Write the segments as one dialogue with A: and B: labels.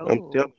A: Oh,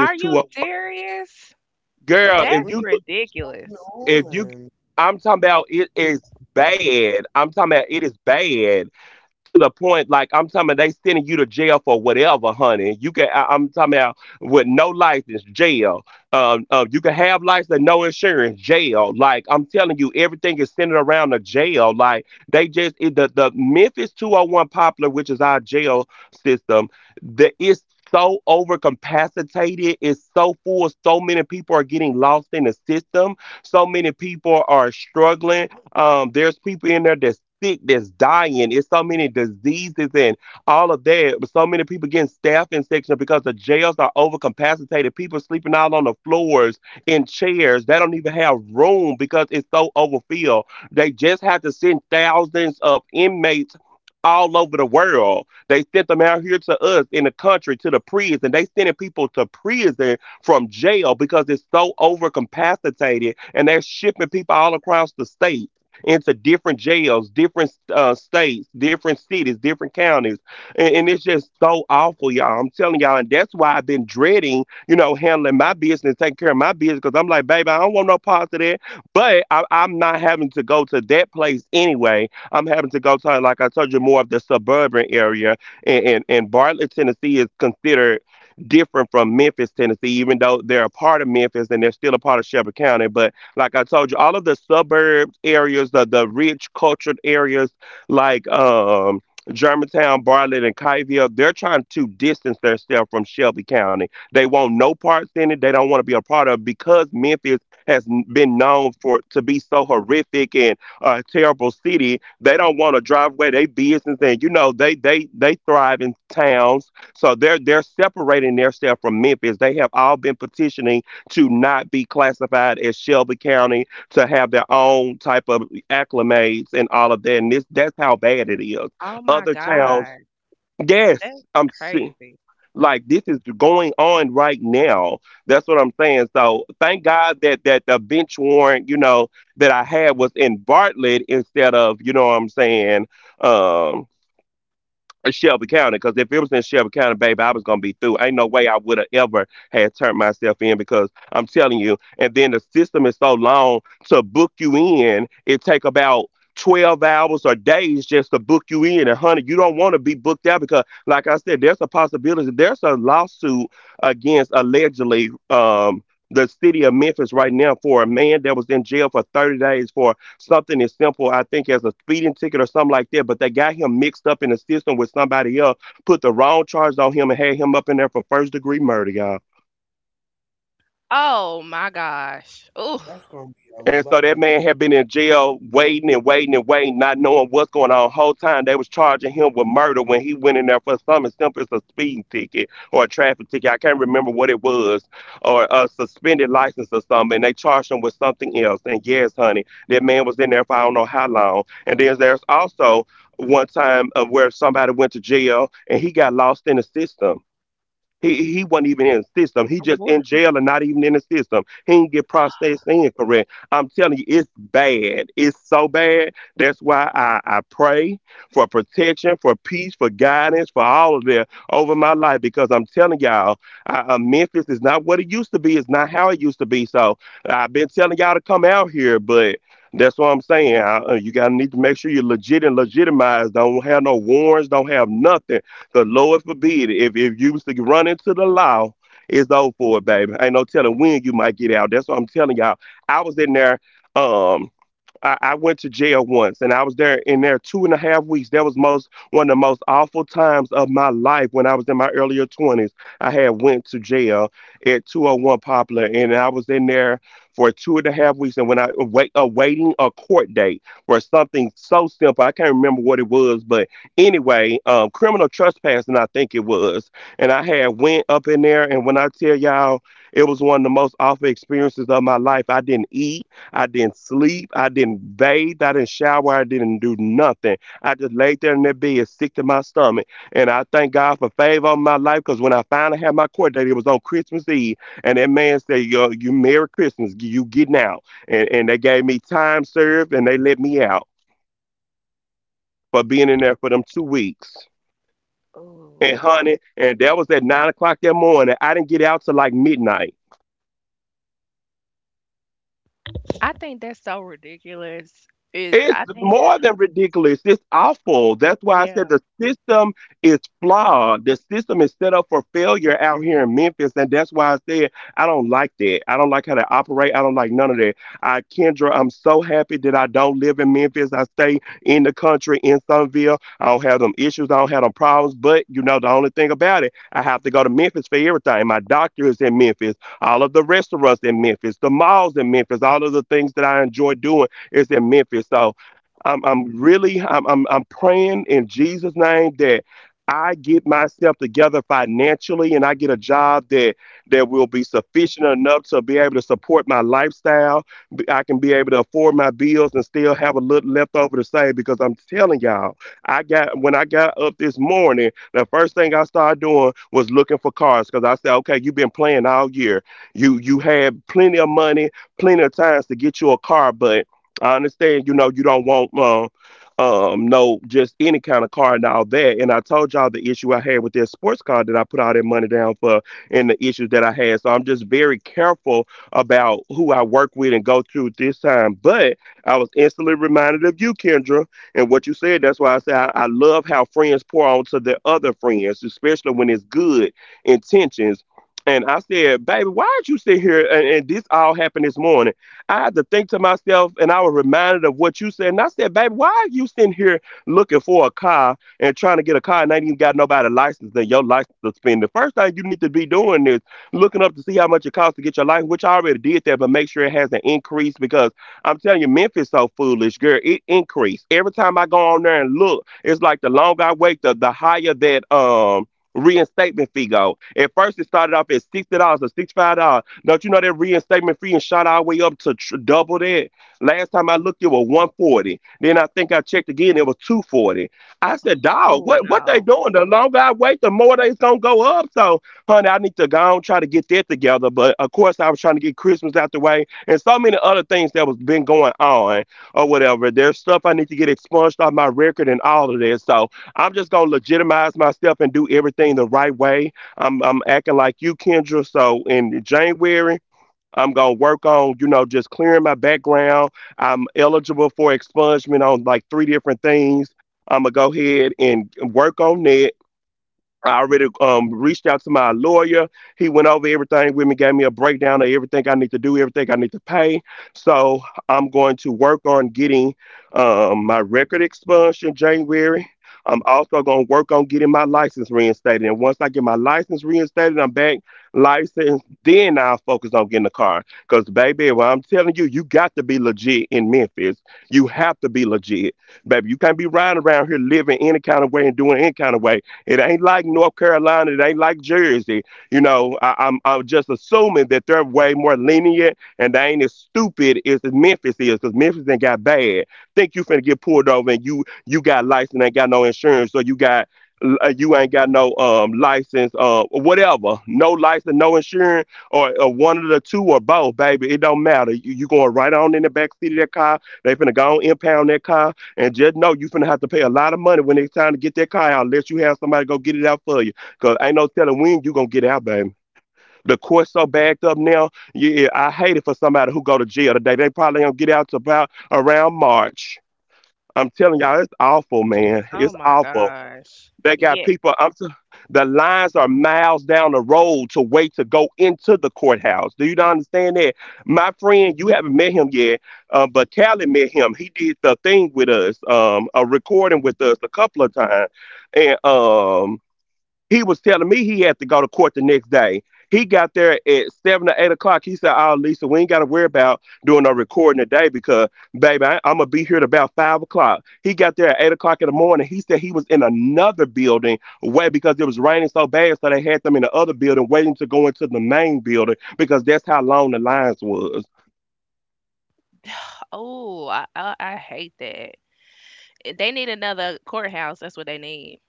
A: are you serious? That's
B: We're
A: ridiculous.
B: in Olin.
A: Oh my God, that's crazy. Oh my gosh. Oh,
B: That's gonna be a lovely
A: what? Oh Lord, I think that's so ridiculous. Is I think yeah. Oh no. Oh my gosh. Yeah. Oh, I hate that. They need another courthouse. That's what they need.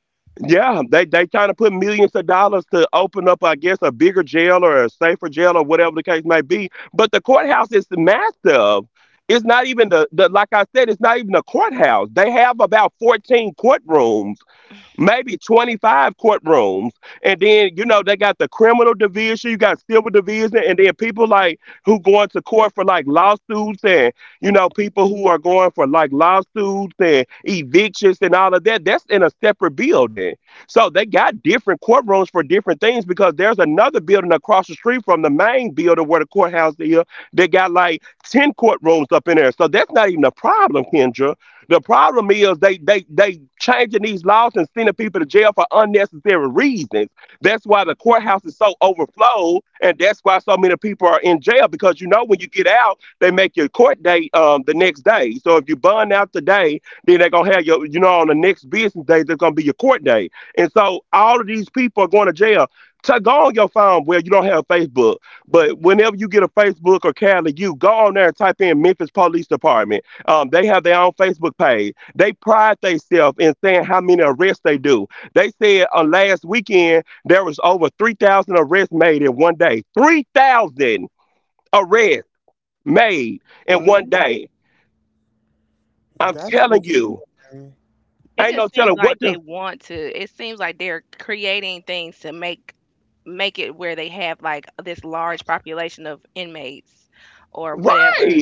B: one. That's just, um,
A: It just seems like they want to. It seems like they're creating things to make it where they have like this large population of inmates or whatever.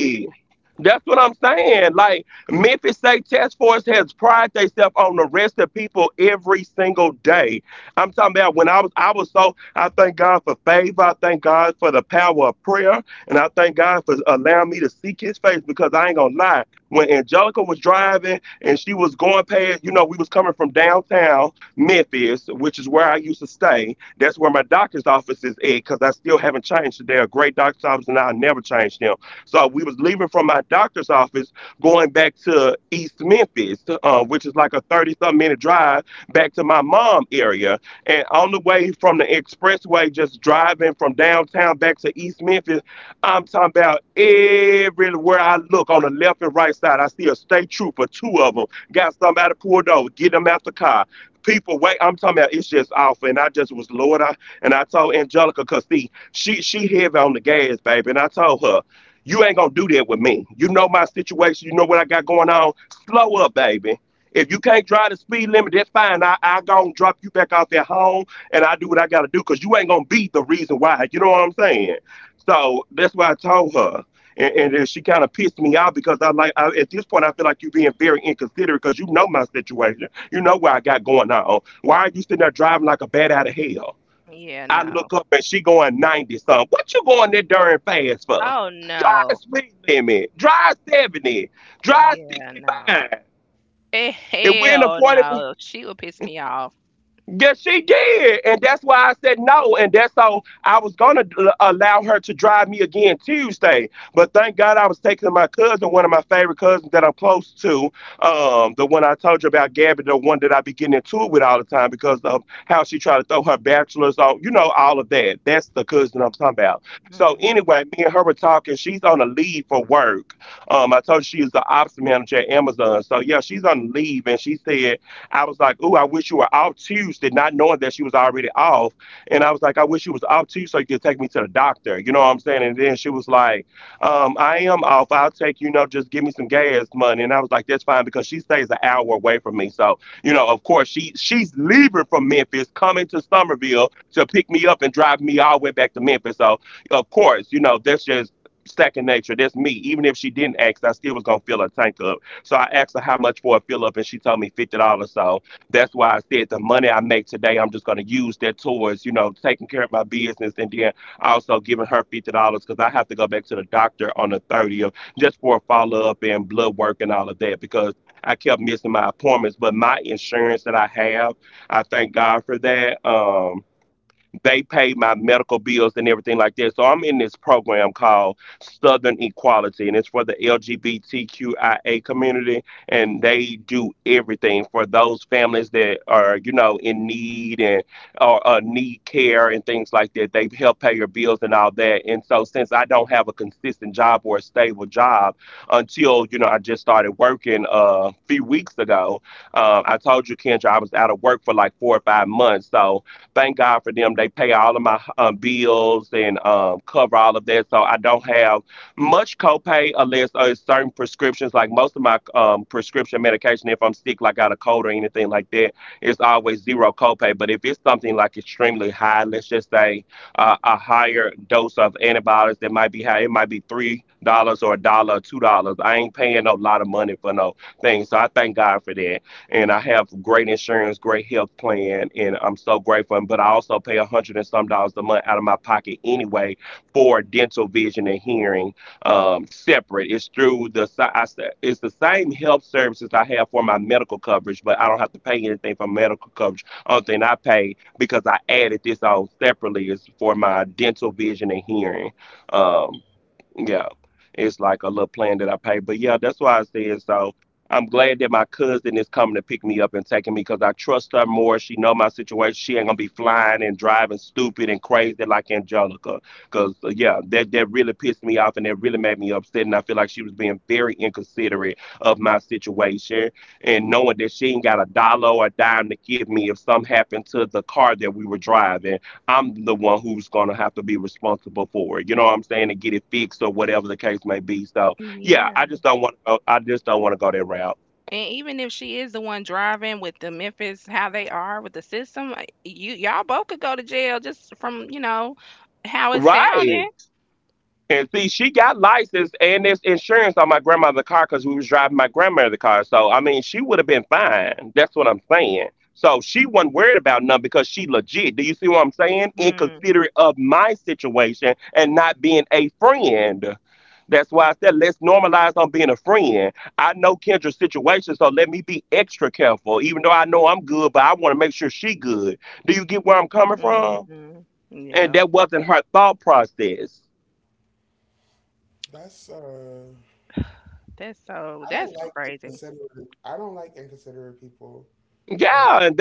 A: Yeah, no. Oh no. Yeah, no. Eh, hell no. She would piss me off. Mm. Yeah. And even if she is the one driving with the Memphis, how they are with the system, like, you y'all both could go to jail just from, you know, how it sounded. Mhm. Yeah.
B: that's.
A: That's
B: I don't like
A: crazy.
B: inconsiderate. I don't like inconsiderate people. Um,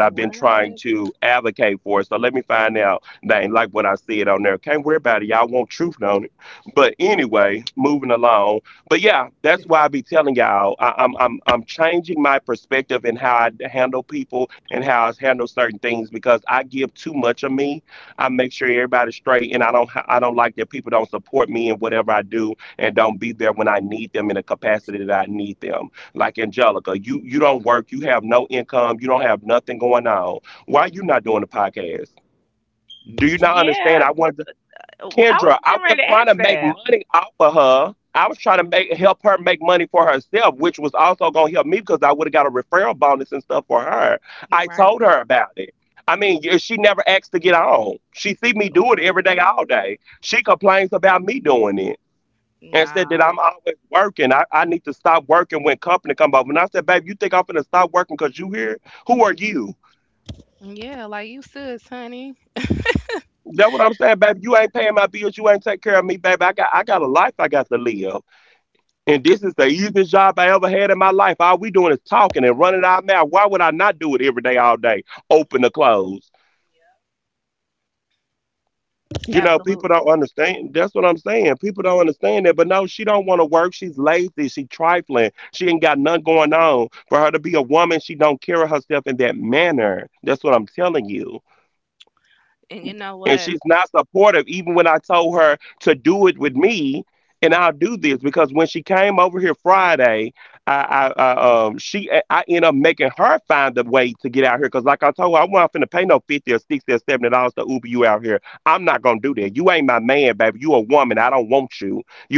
A: What? Yeah, I was getting ready to ask that. Right. What? Nah. Yeah, like you should, honey. Absolutely. And you know what?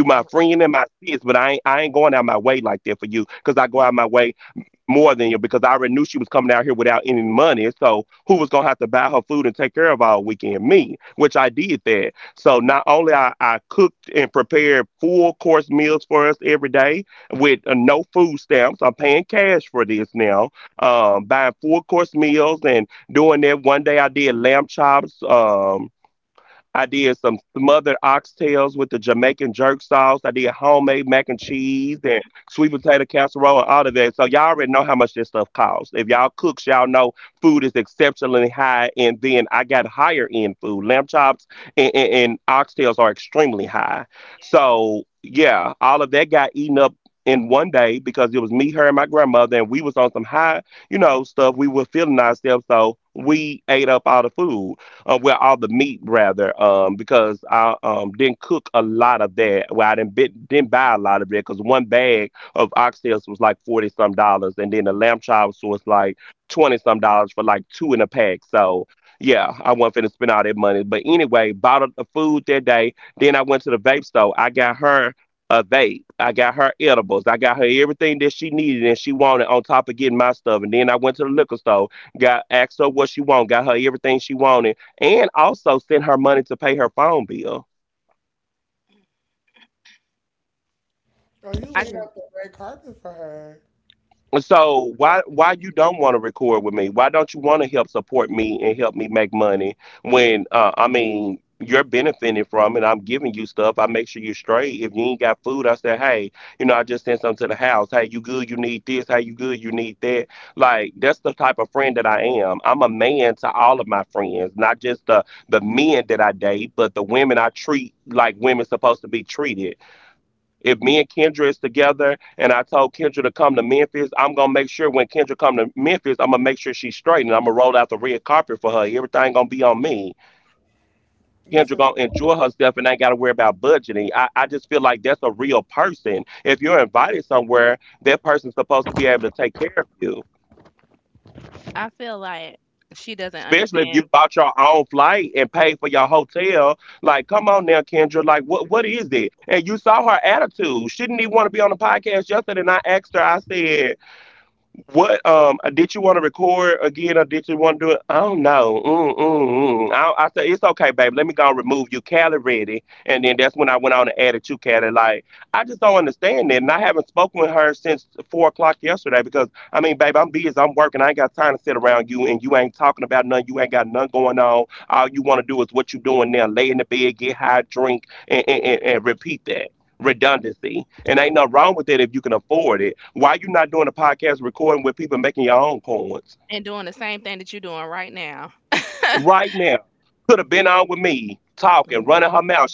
A: Mhm. I
B: oh,
A: just
B: you laid out the red carpet for her. You're such
A: I feel like she doesn't understand and doing the same thing that you're doing right now. Mhm.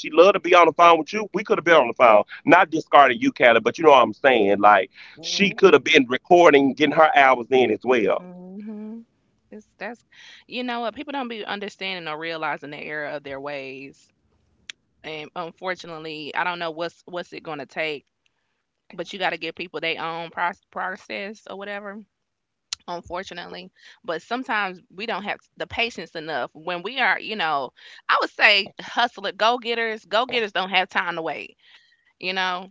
A: Mhm. It's that's you know what people don't be understanding or realizing the error of their ways, and unfortunately, I don't know what's it gonna take. But you got to give people their own process or whatever. Unfortunately, but sometimes we don't have the patience enough when we are, you know, I would say hustler, go getters. Go getters don't have time to wait. You know.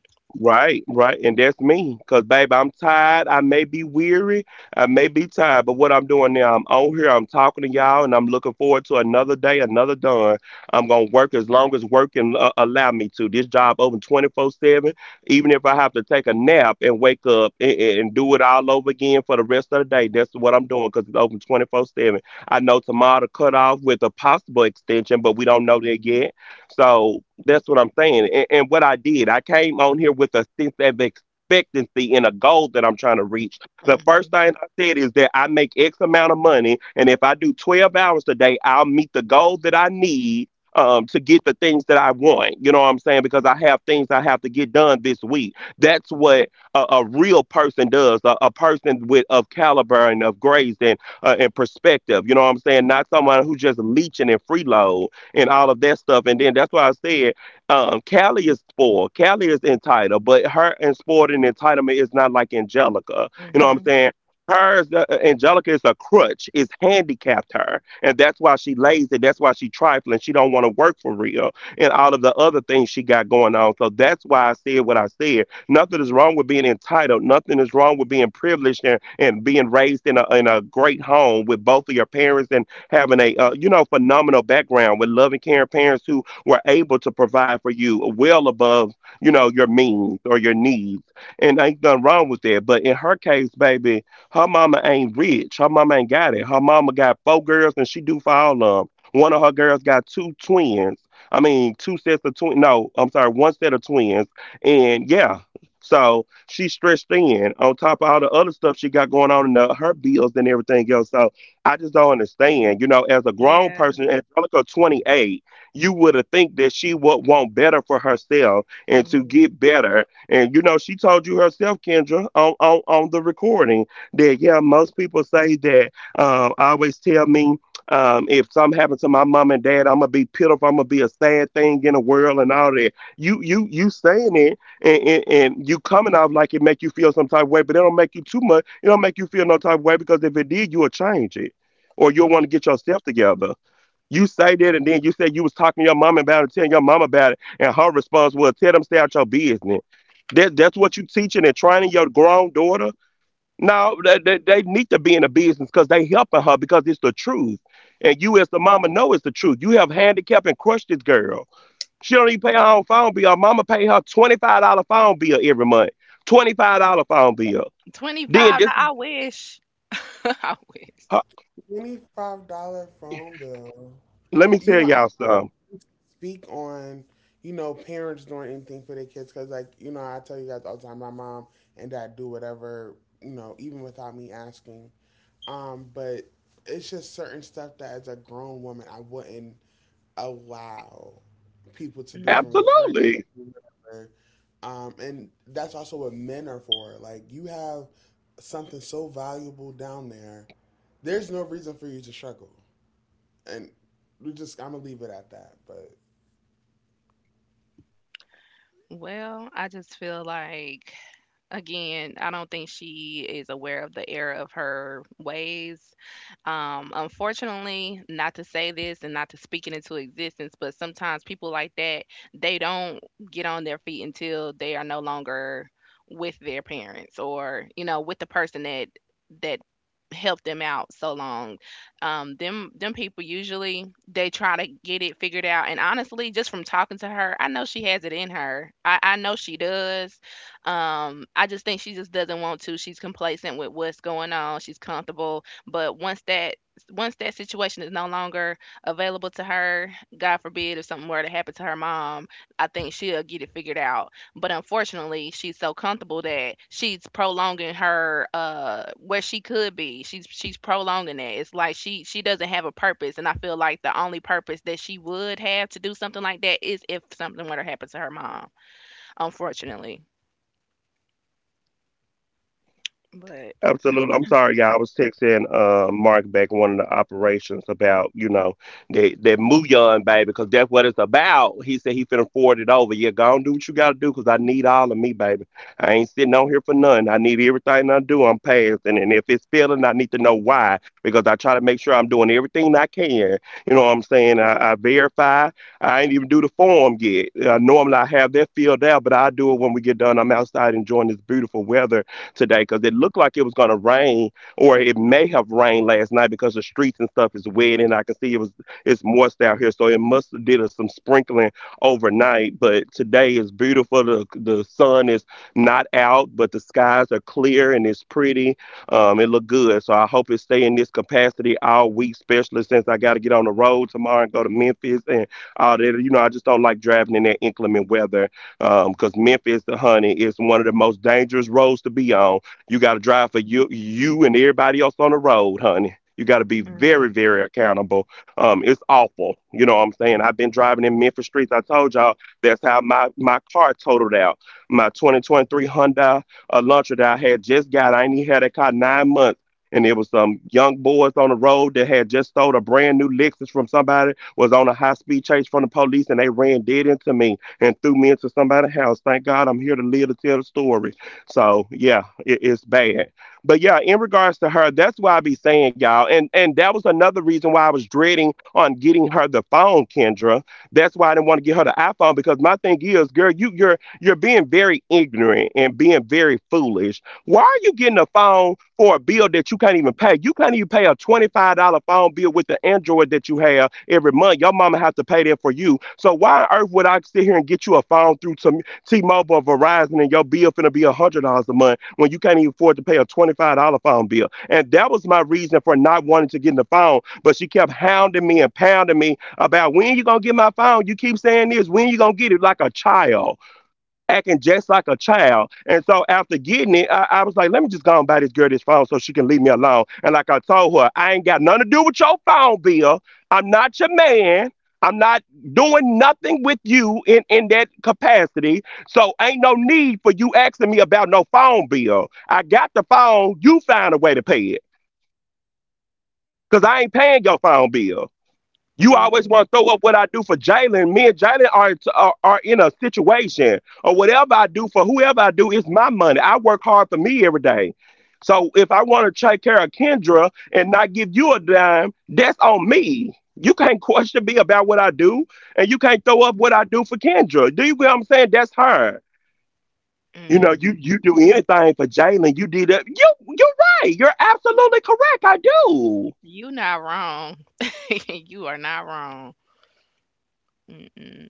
A: Mhm. Mhm. Yeah. Mhm. Yeah. 25. I wish. I wish.
B: $25 phone bill. You know, I speak on parents doing anything for their kids because, like, I tell you guys all the time, my mom and dad do whatever, even without me asking. But it's just certain stuff that as a grown woman I wouldn't allow people to do for
A: Mm.
B: me, friends, family, whatever. And that's also what men are for. Like you have something so valuable down there, there's no reason for you to struggle. And we just I'm gonna leave it at that. But
A: Well, I just feel like again, I don't think she is aware of the error of her ways. Unfortunately, not to say this and not to speak it into existence, but sometimes people like that, they don't get on their feet until they are no longer with their parents or, you know, with the person that helped them out so long. Them people usually they try to get it figured out. And honestly, just from talking to her, I know she has it in her. I know she does I just think she just doesn't want to. She's complacent with what's going on. She's comfortable, but once that situation is no longer available to her, God forbid if something were to happen to her mom, I think she'll get it figured out. But unfortunately, she's so comfortable that she's prolonging her where she could be. She's prolonging it. It's like she doesn't have a purpose, and I feel like the only purpose that she would have to do something like that is if something were to happen to her mom. Unfortunately, but. Mm. Ooh. Mm. You not wrong. You are not wrong. Mm-mm.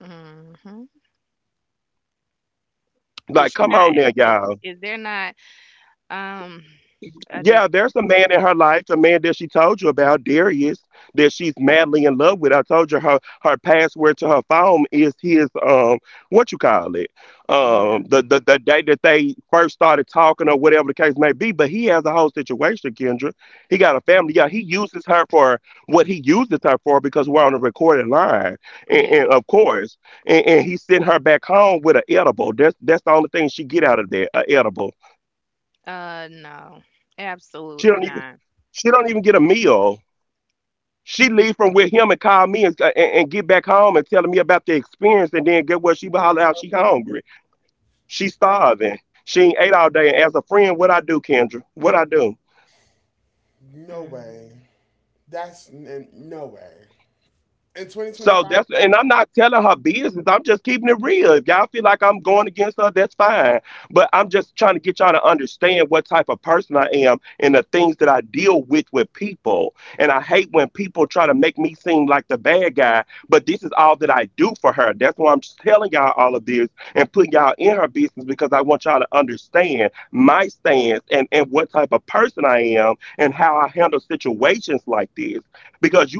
A: Mm-hmm. Is she not? Is there not? Um, I just yeah, yeah, yeah, yeah. No, absolutely not.
B: no
A: Mm,
B: way. That's no way. In 2025,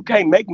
A: mm.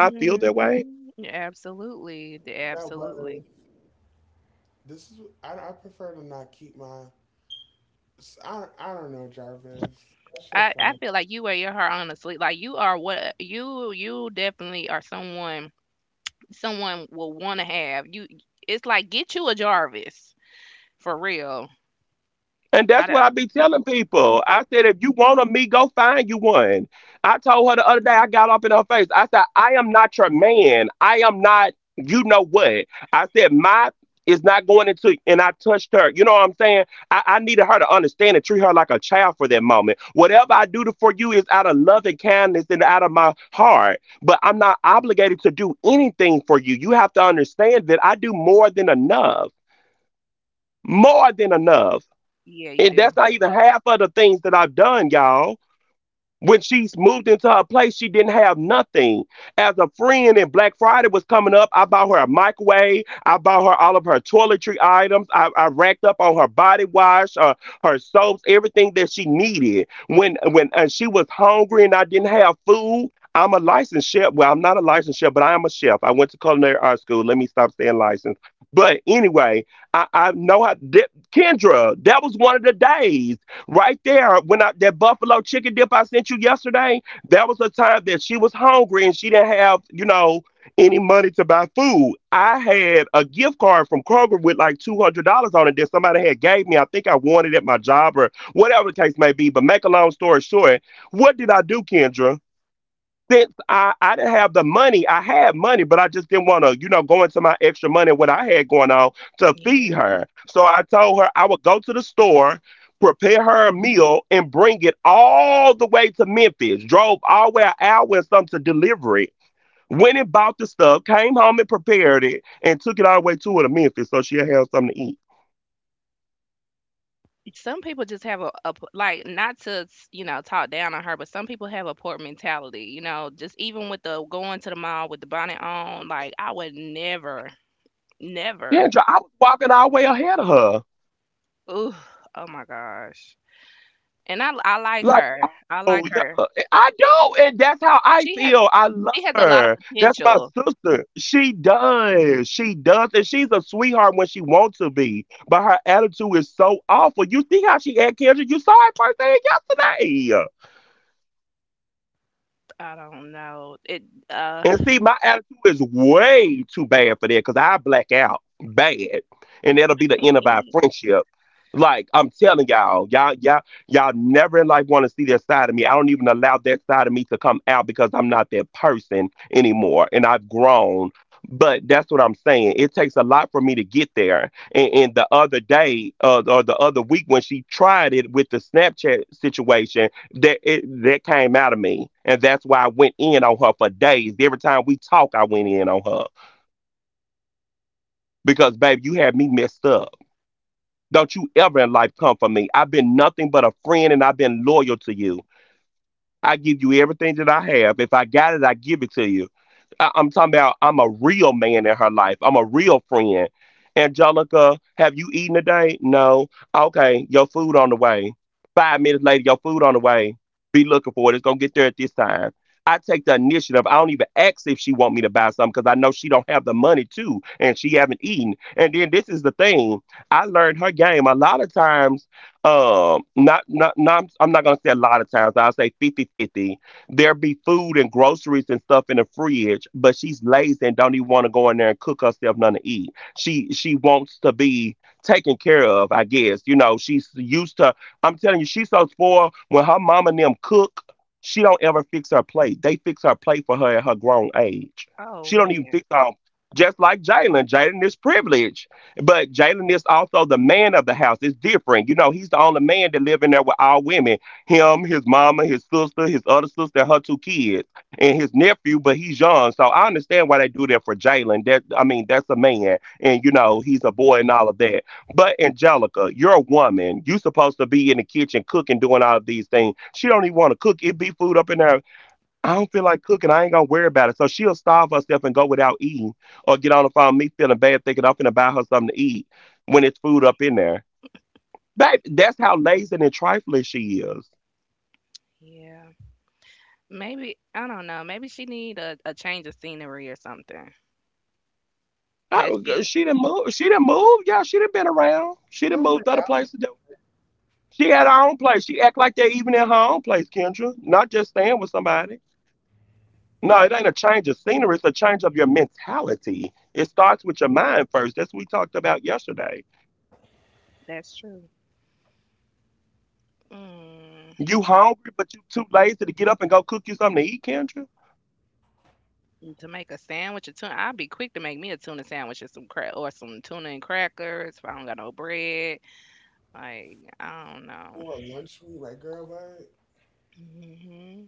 A: Mm-hmm. Yeah, absolutely,
B: that was
A: absolutely.
B: this is I prefer to not keep my. I don't know, Jarvis. That's your
A: I
B: friend.
A: feel like you wear your heart on the sleeve. Like you are what you definitely are someone someone will want to have. You, it's like get you a Jarvis for real. I don't, yeah, you do. Yeah. Some people just have like not to you know talk down on her, but some people have a poor mentality. You know, just even with the going to the mall with the bonnet on, like I would never, never. Ooh, oh my gosh. And I like her. I like her. She has she has a lot of potential. I don't know. It uh. he- Oh man. Yeah. Maybe I don't know. Maybe she need a change of scenery or something. Has she?
B: Remember that
A: That's true. Mm, to make a sandwich or tuna, I'd be quick to make me a tuna sandwich and some crack or some tuna and crackers. If I don't got no bread, like I don't know.
B: for a lunch meet, like girl, what?
A: Hmm.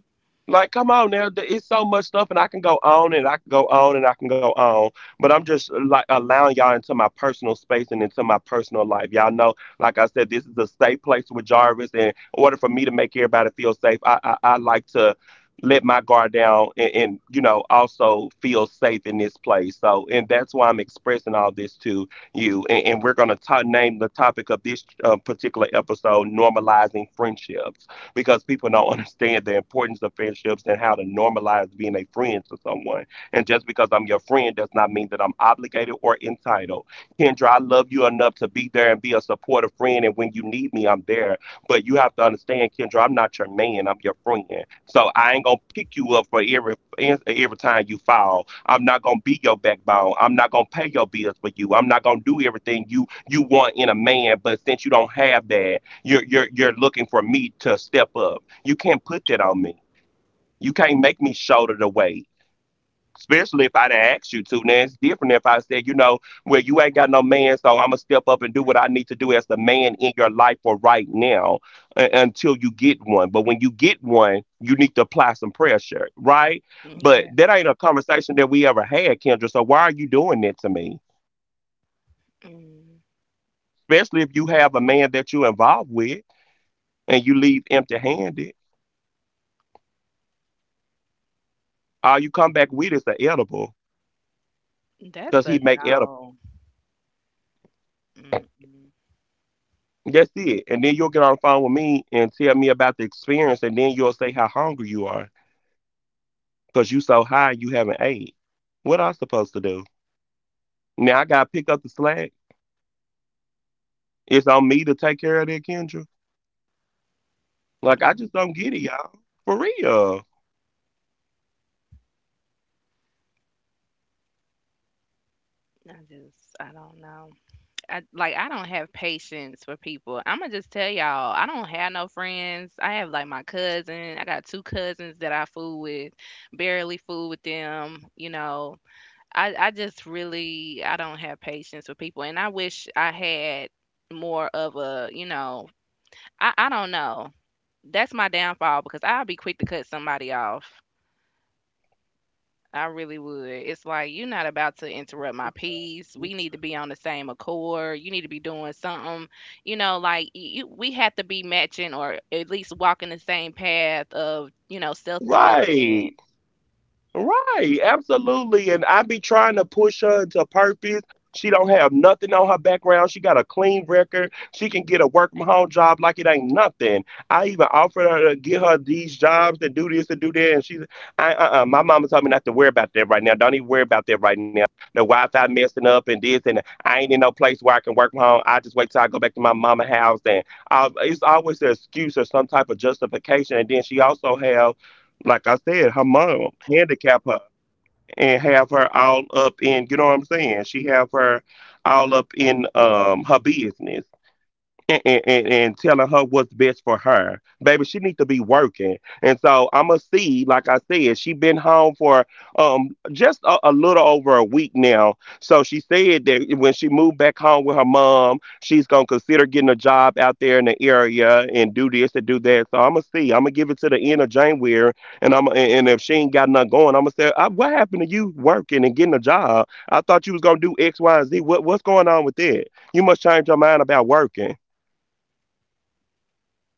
A: Yeah. Mm. That's a no. Mm-mm. Mm. I don't know. I like, I don't have patience for people. Imma just tell y'all, I don't have no friends. I have, like, my cousin. I got 2 cousins that I fool with, barely fool with them, you know. I just really I don't have patience for people, and I wish I had more of you know I don't know. That's my downfall because I'll be quick to cut somebody off. I really would. It's like you're not about to interrupt my peace.
B: Yes.
A: We need to be on the same accord. You need to be doing something, you know, like you, we have to be matching or at least walking the same path of, you know, self development.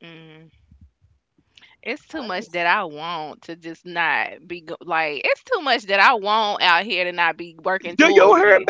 A: Mm. It's too
B: I
A: much
B: just
A: that I want to just not like. It's too much that I want out here to not be working towards it.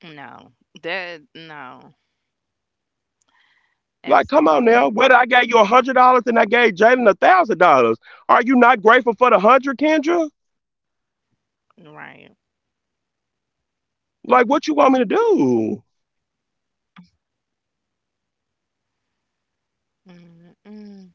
A: No, that no, absolutely right. Mm-mm.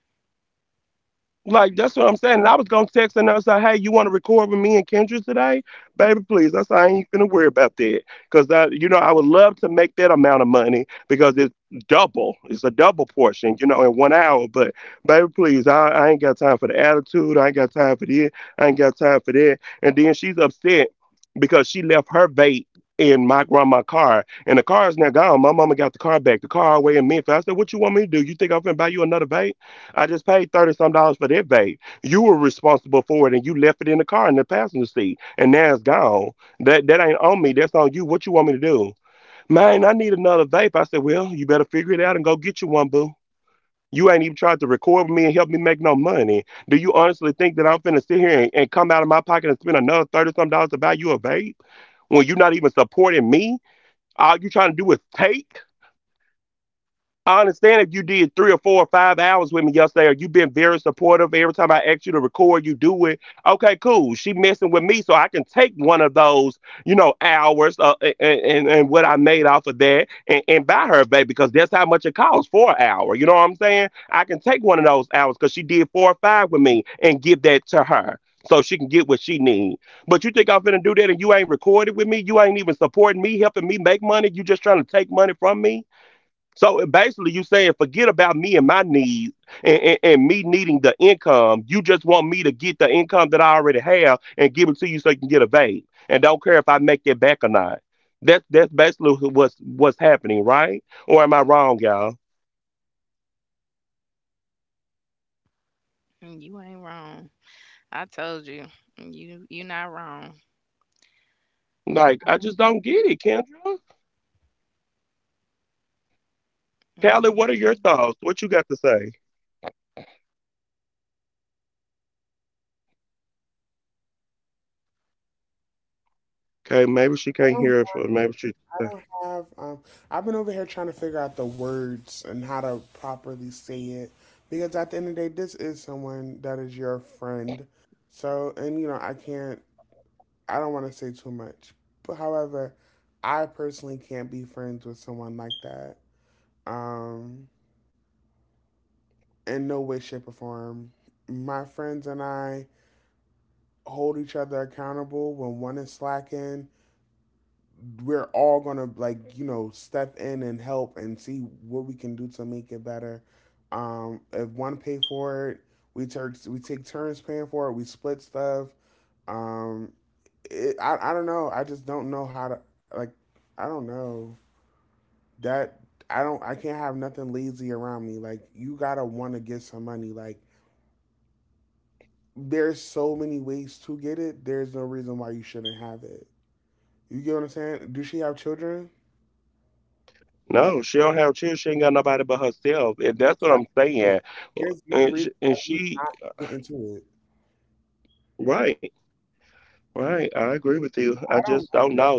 A: You ain't wrong. I told you, you not wrong. Um. Mhm.
B: I don't, I don't have. I've been over here trying to figure out the words and how to properly say it, because at the end of the day this is someone that is your friend. So and you know I don't want to say too much. But however, I personally can't be friends with someone like that. Um in no way, shape, or form. My friends and I hold each other accountable. When one is slacking, we're all gonna, like, step in and help and see what we can do to make it better. If one pay for it, we take turns paying for it. We split stuff. um it, I don't know. I just don't know how to, like, I don't know that I can't have nothing lazy around me. Like, you gotta want to get some money. Like, there's so many ways to get it. There's no reason why you shouldn't have it. You get what I'm saying? Does she have children? Exactly. There's no reason why you not get into it. I don't like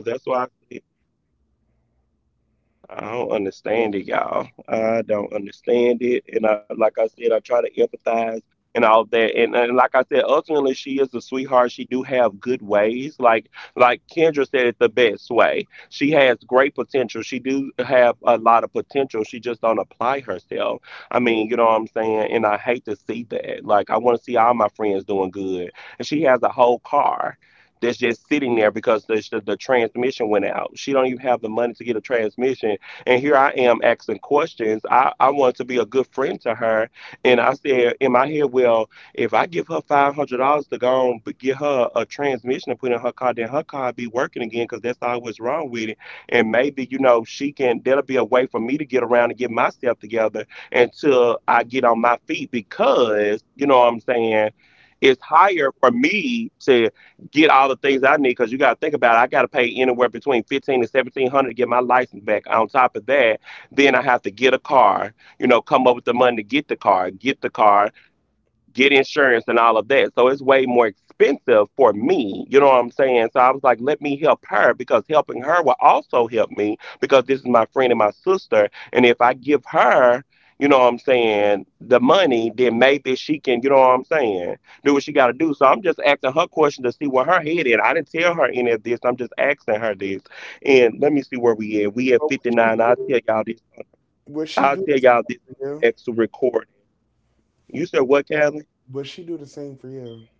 B: girls. But would she do the same for you? Would she do the same for you?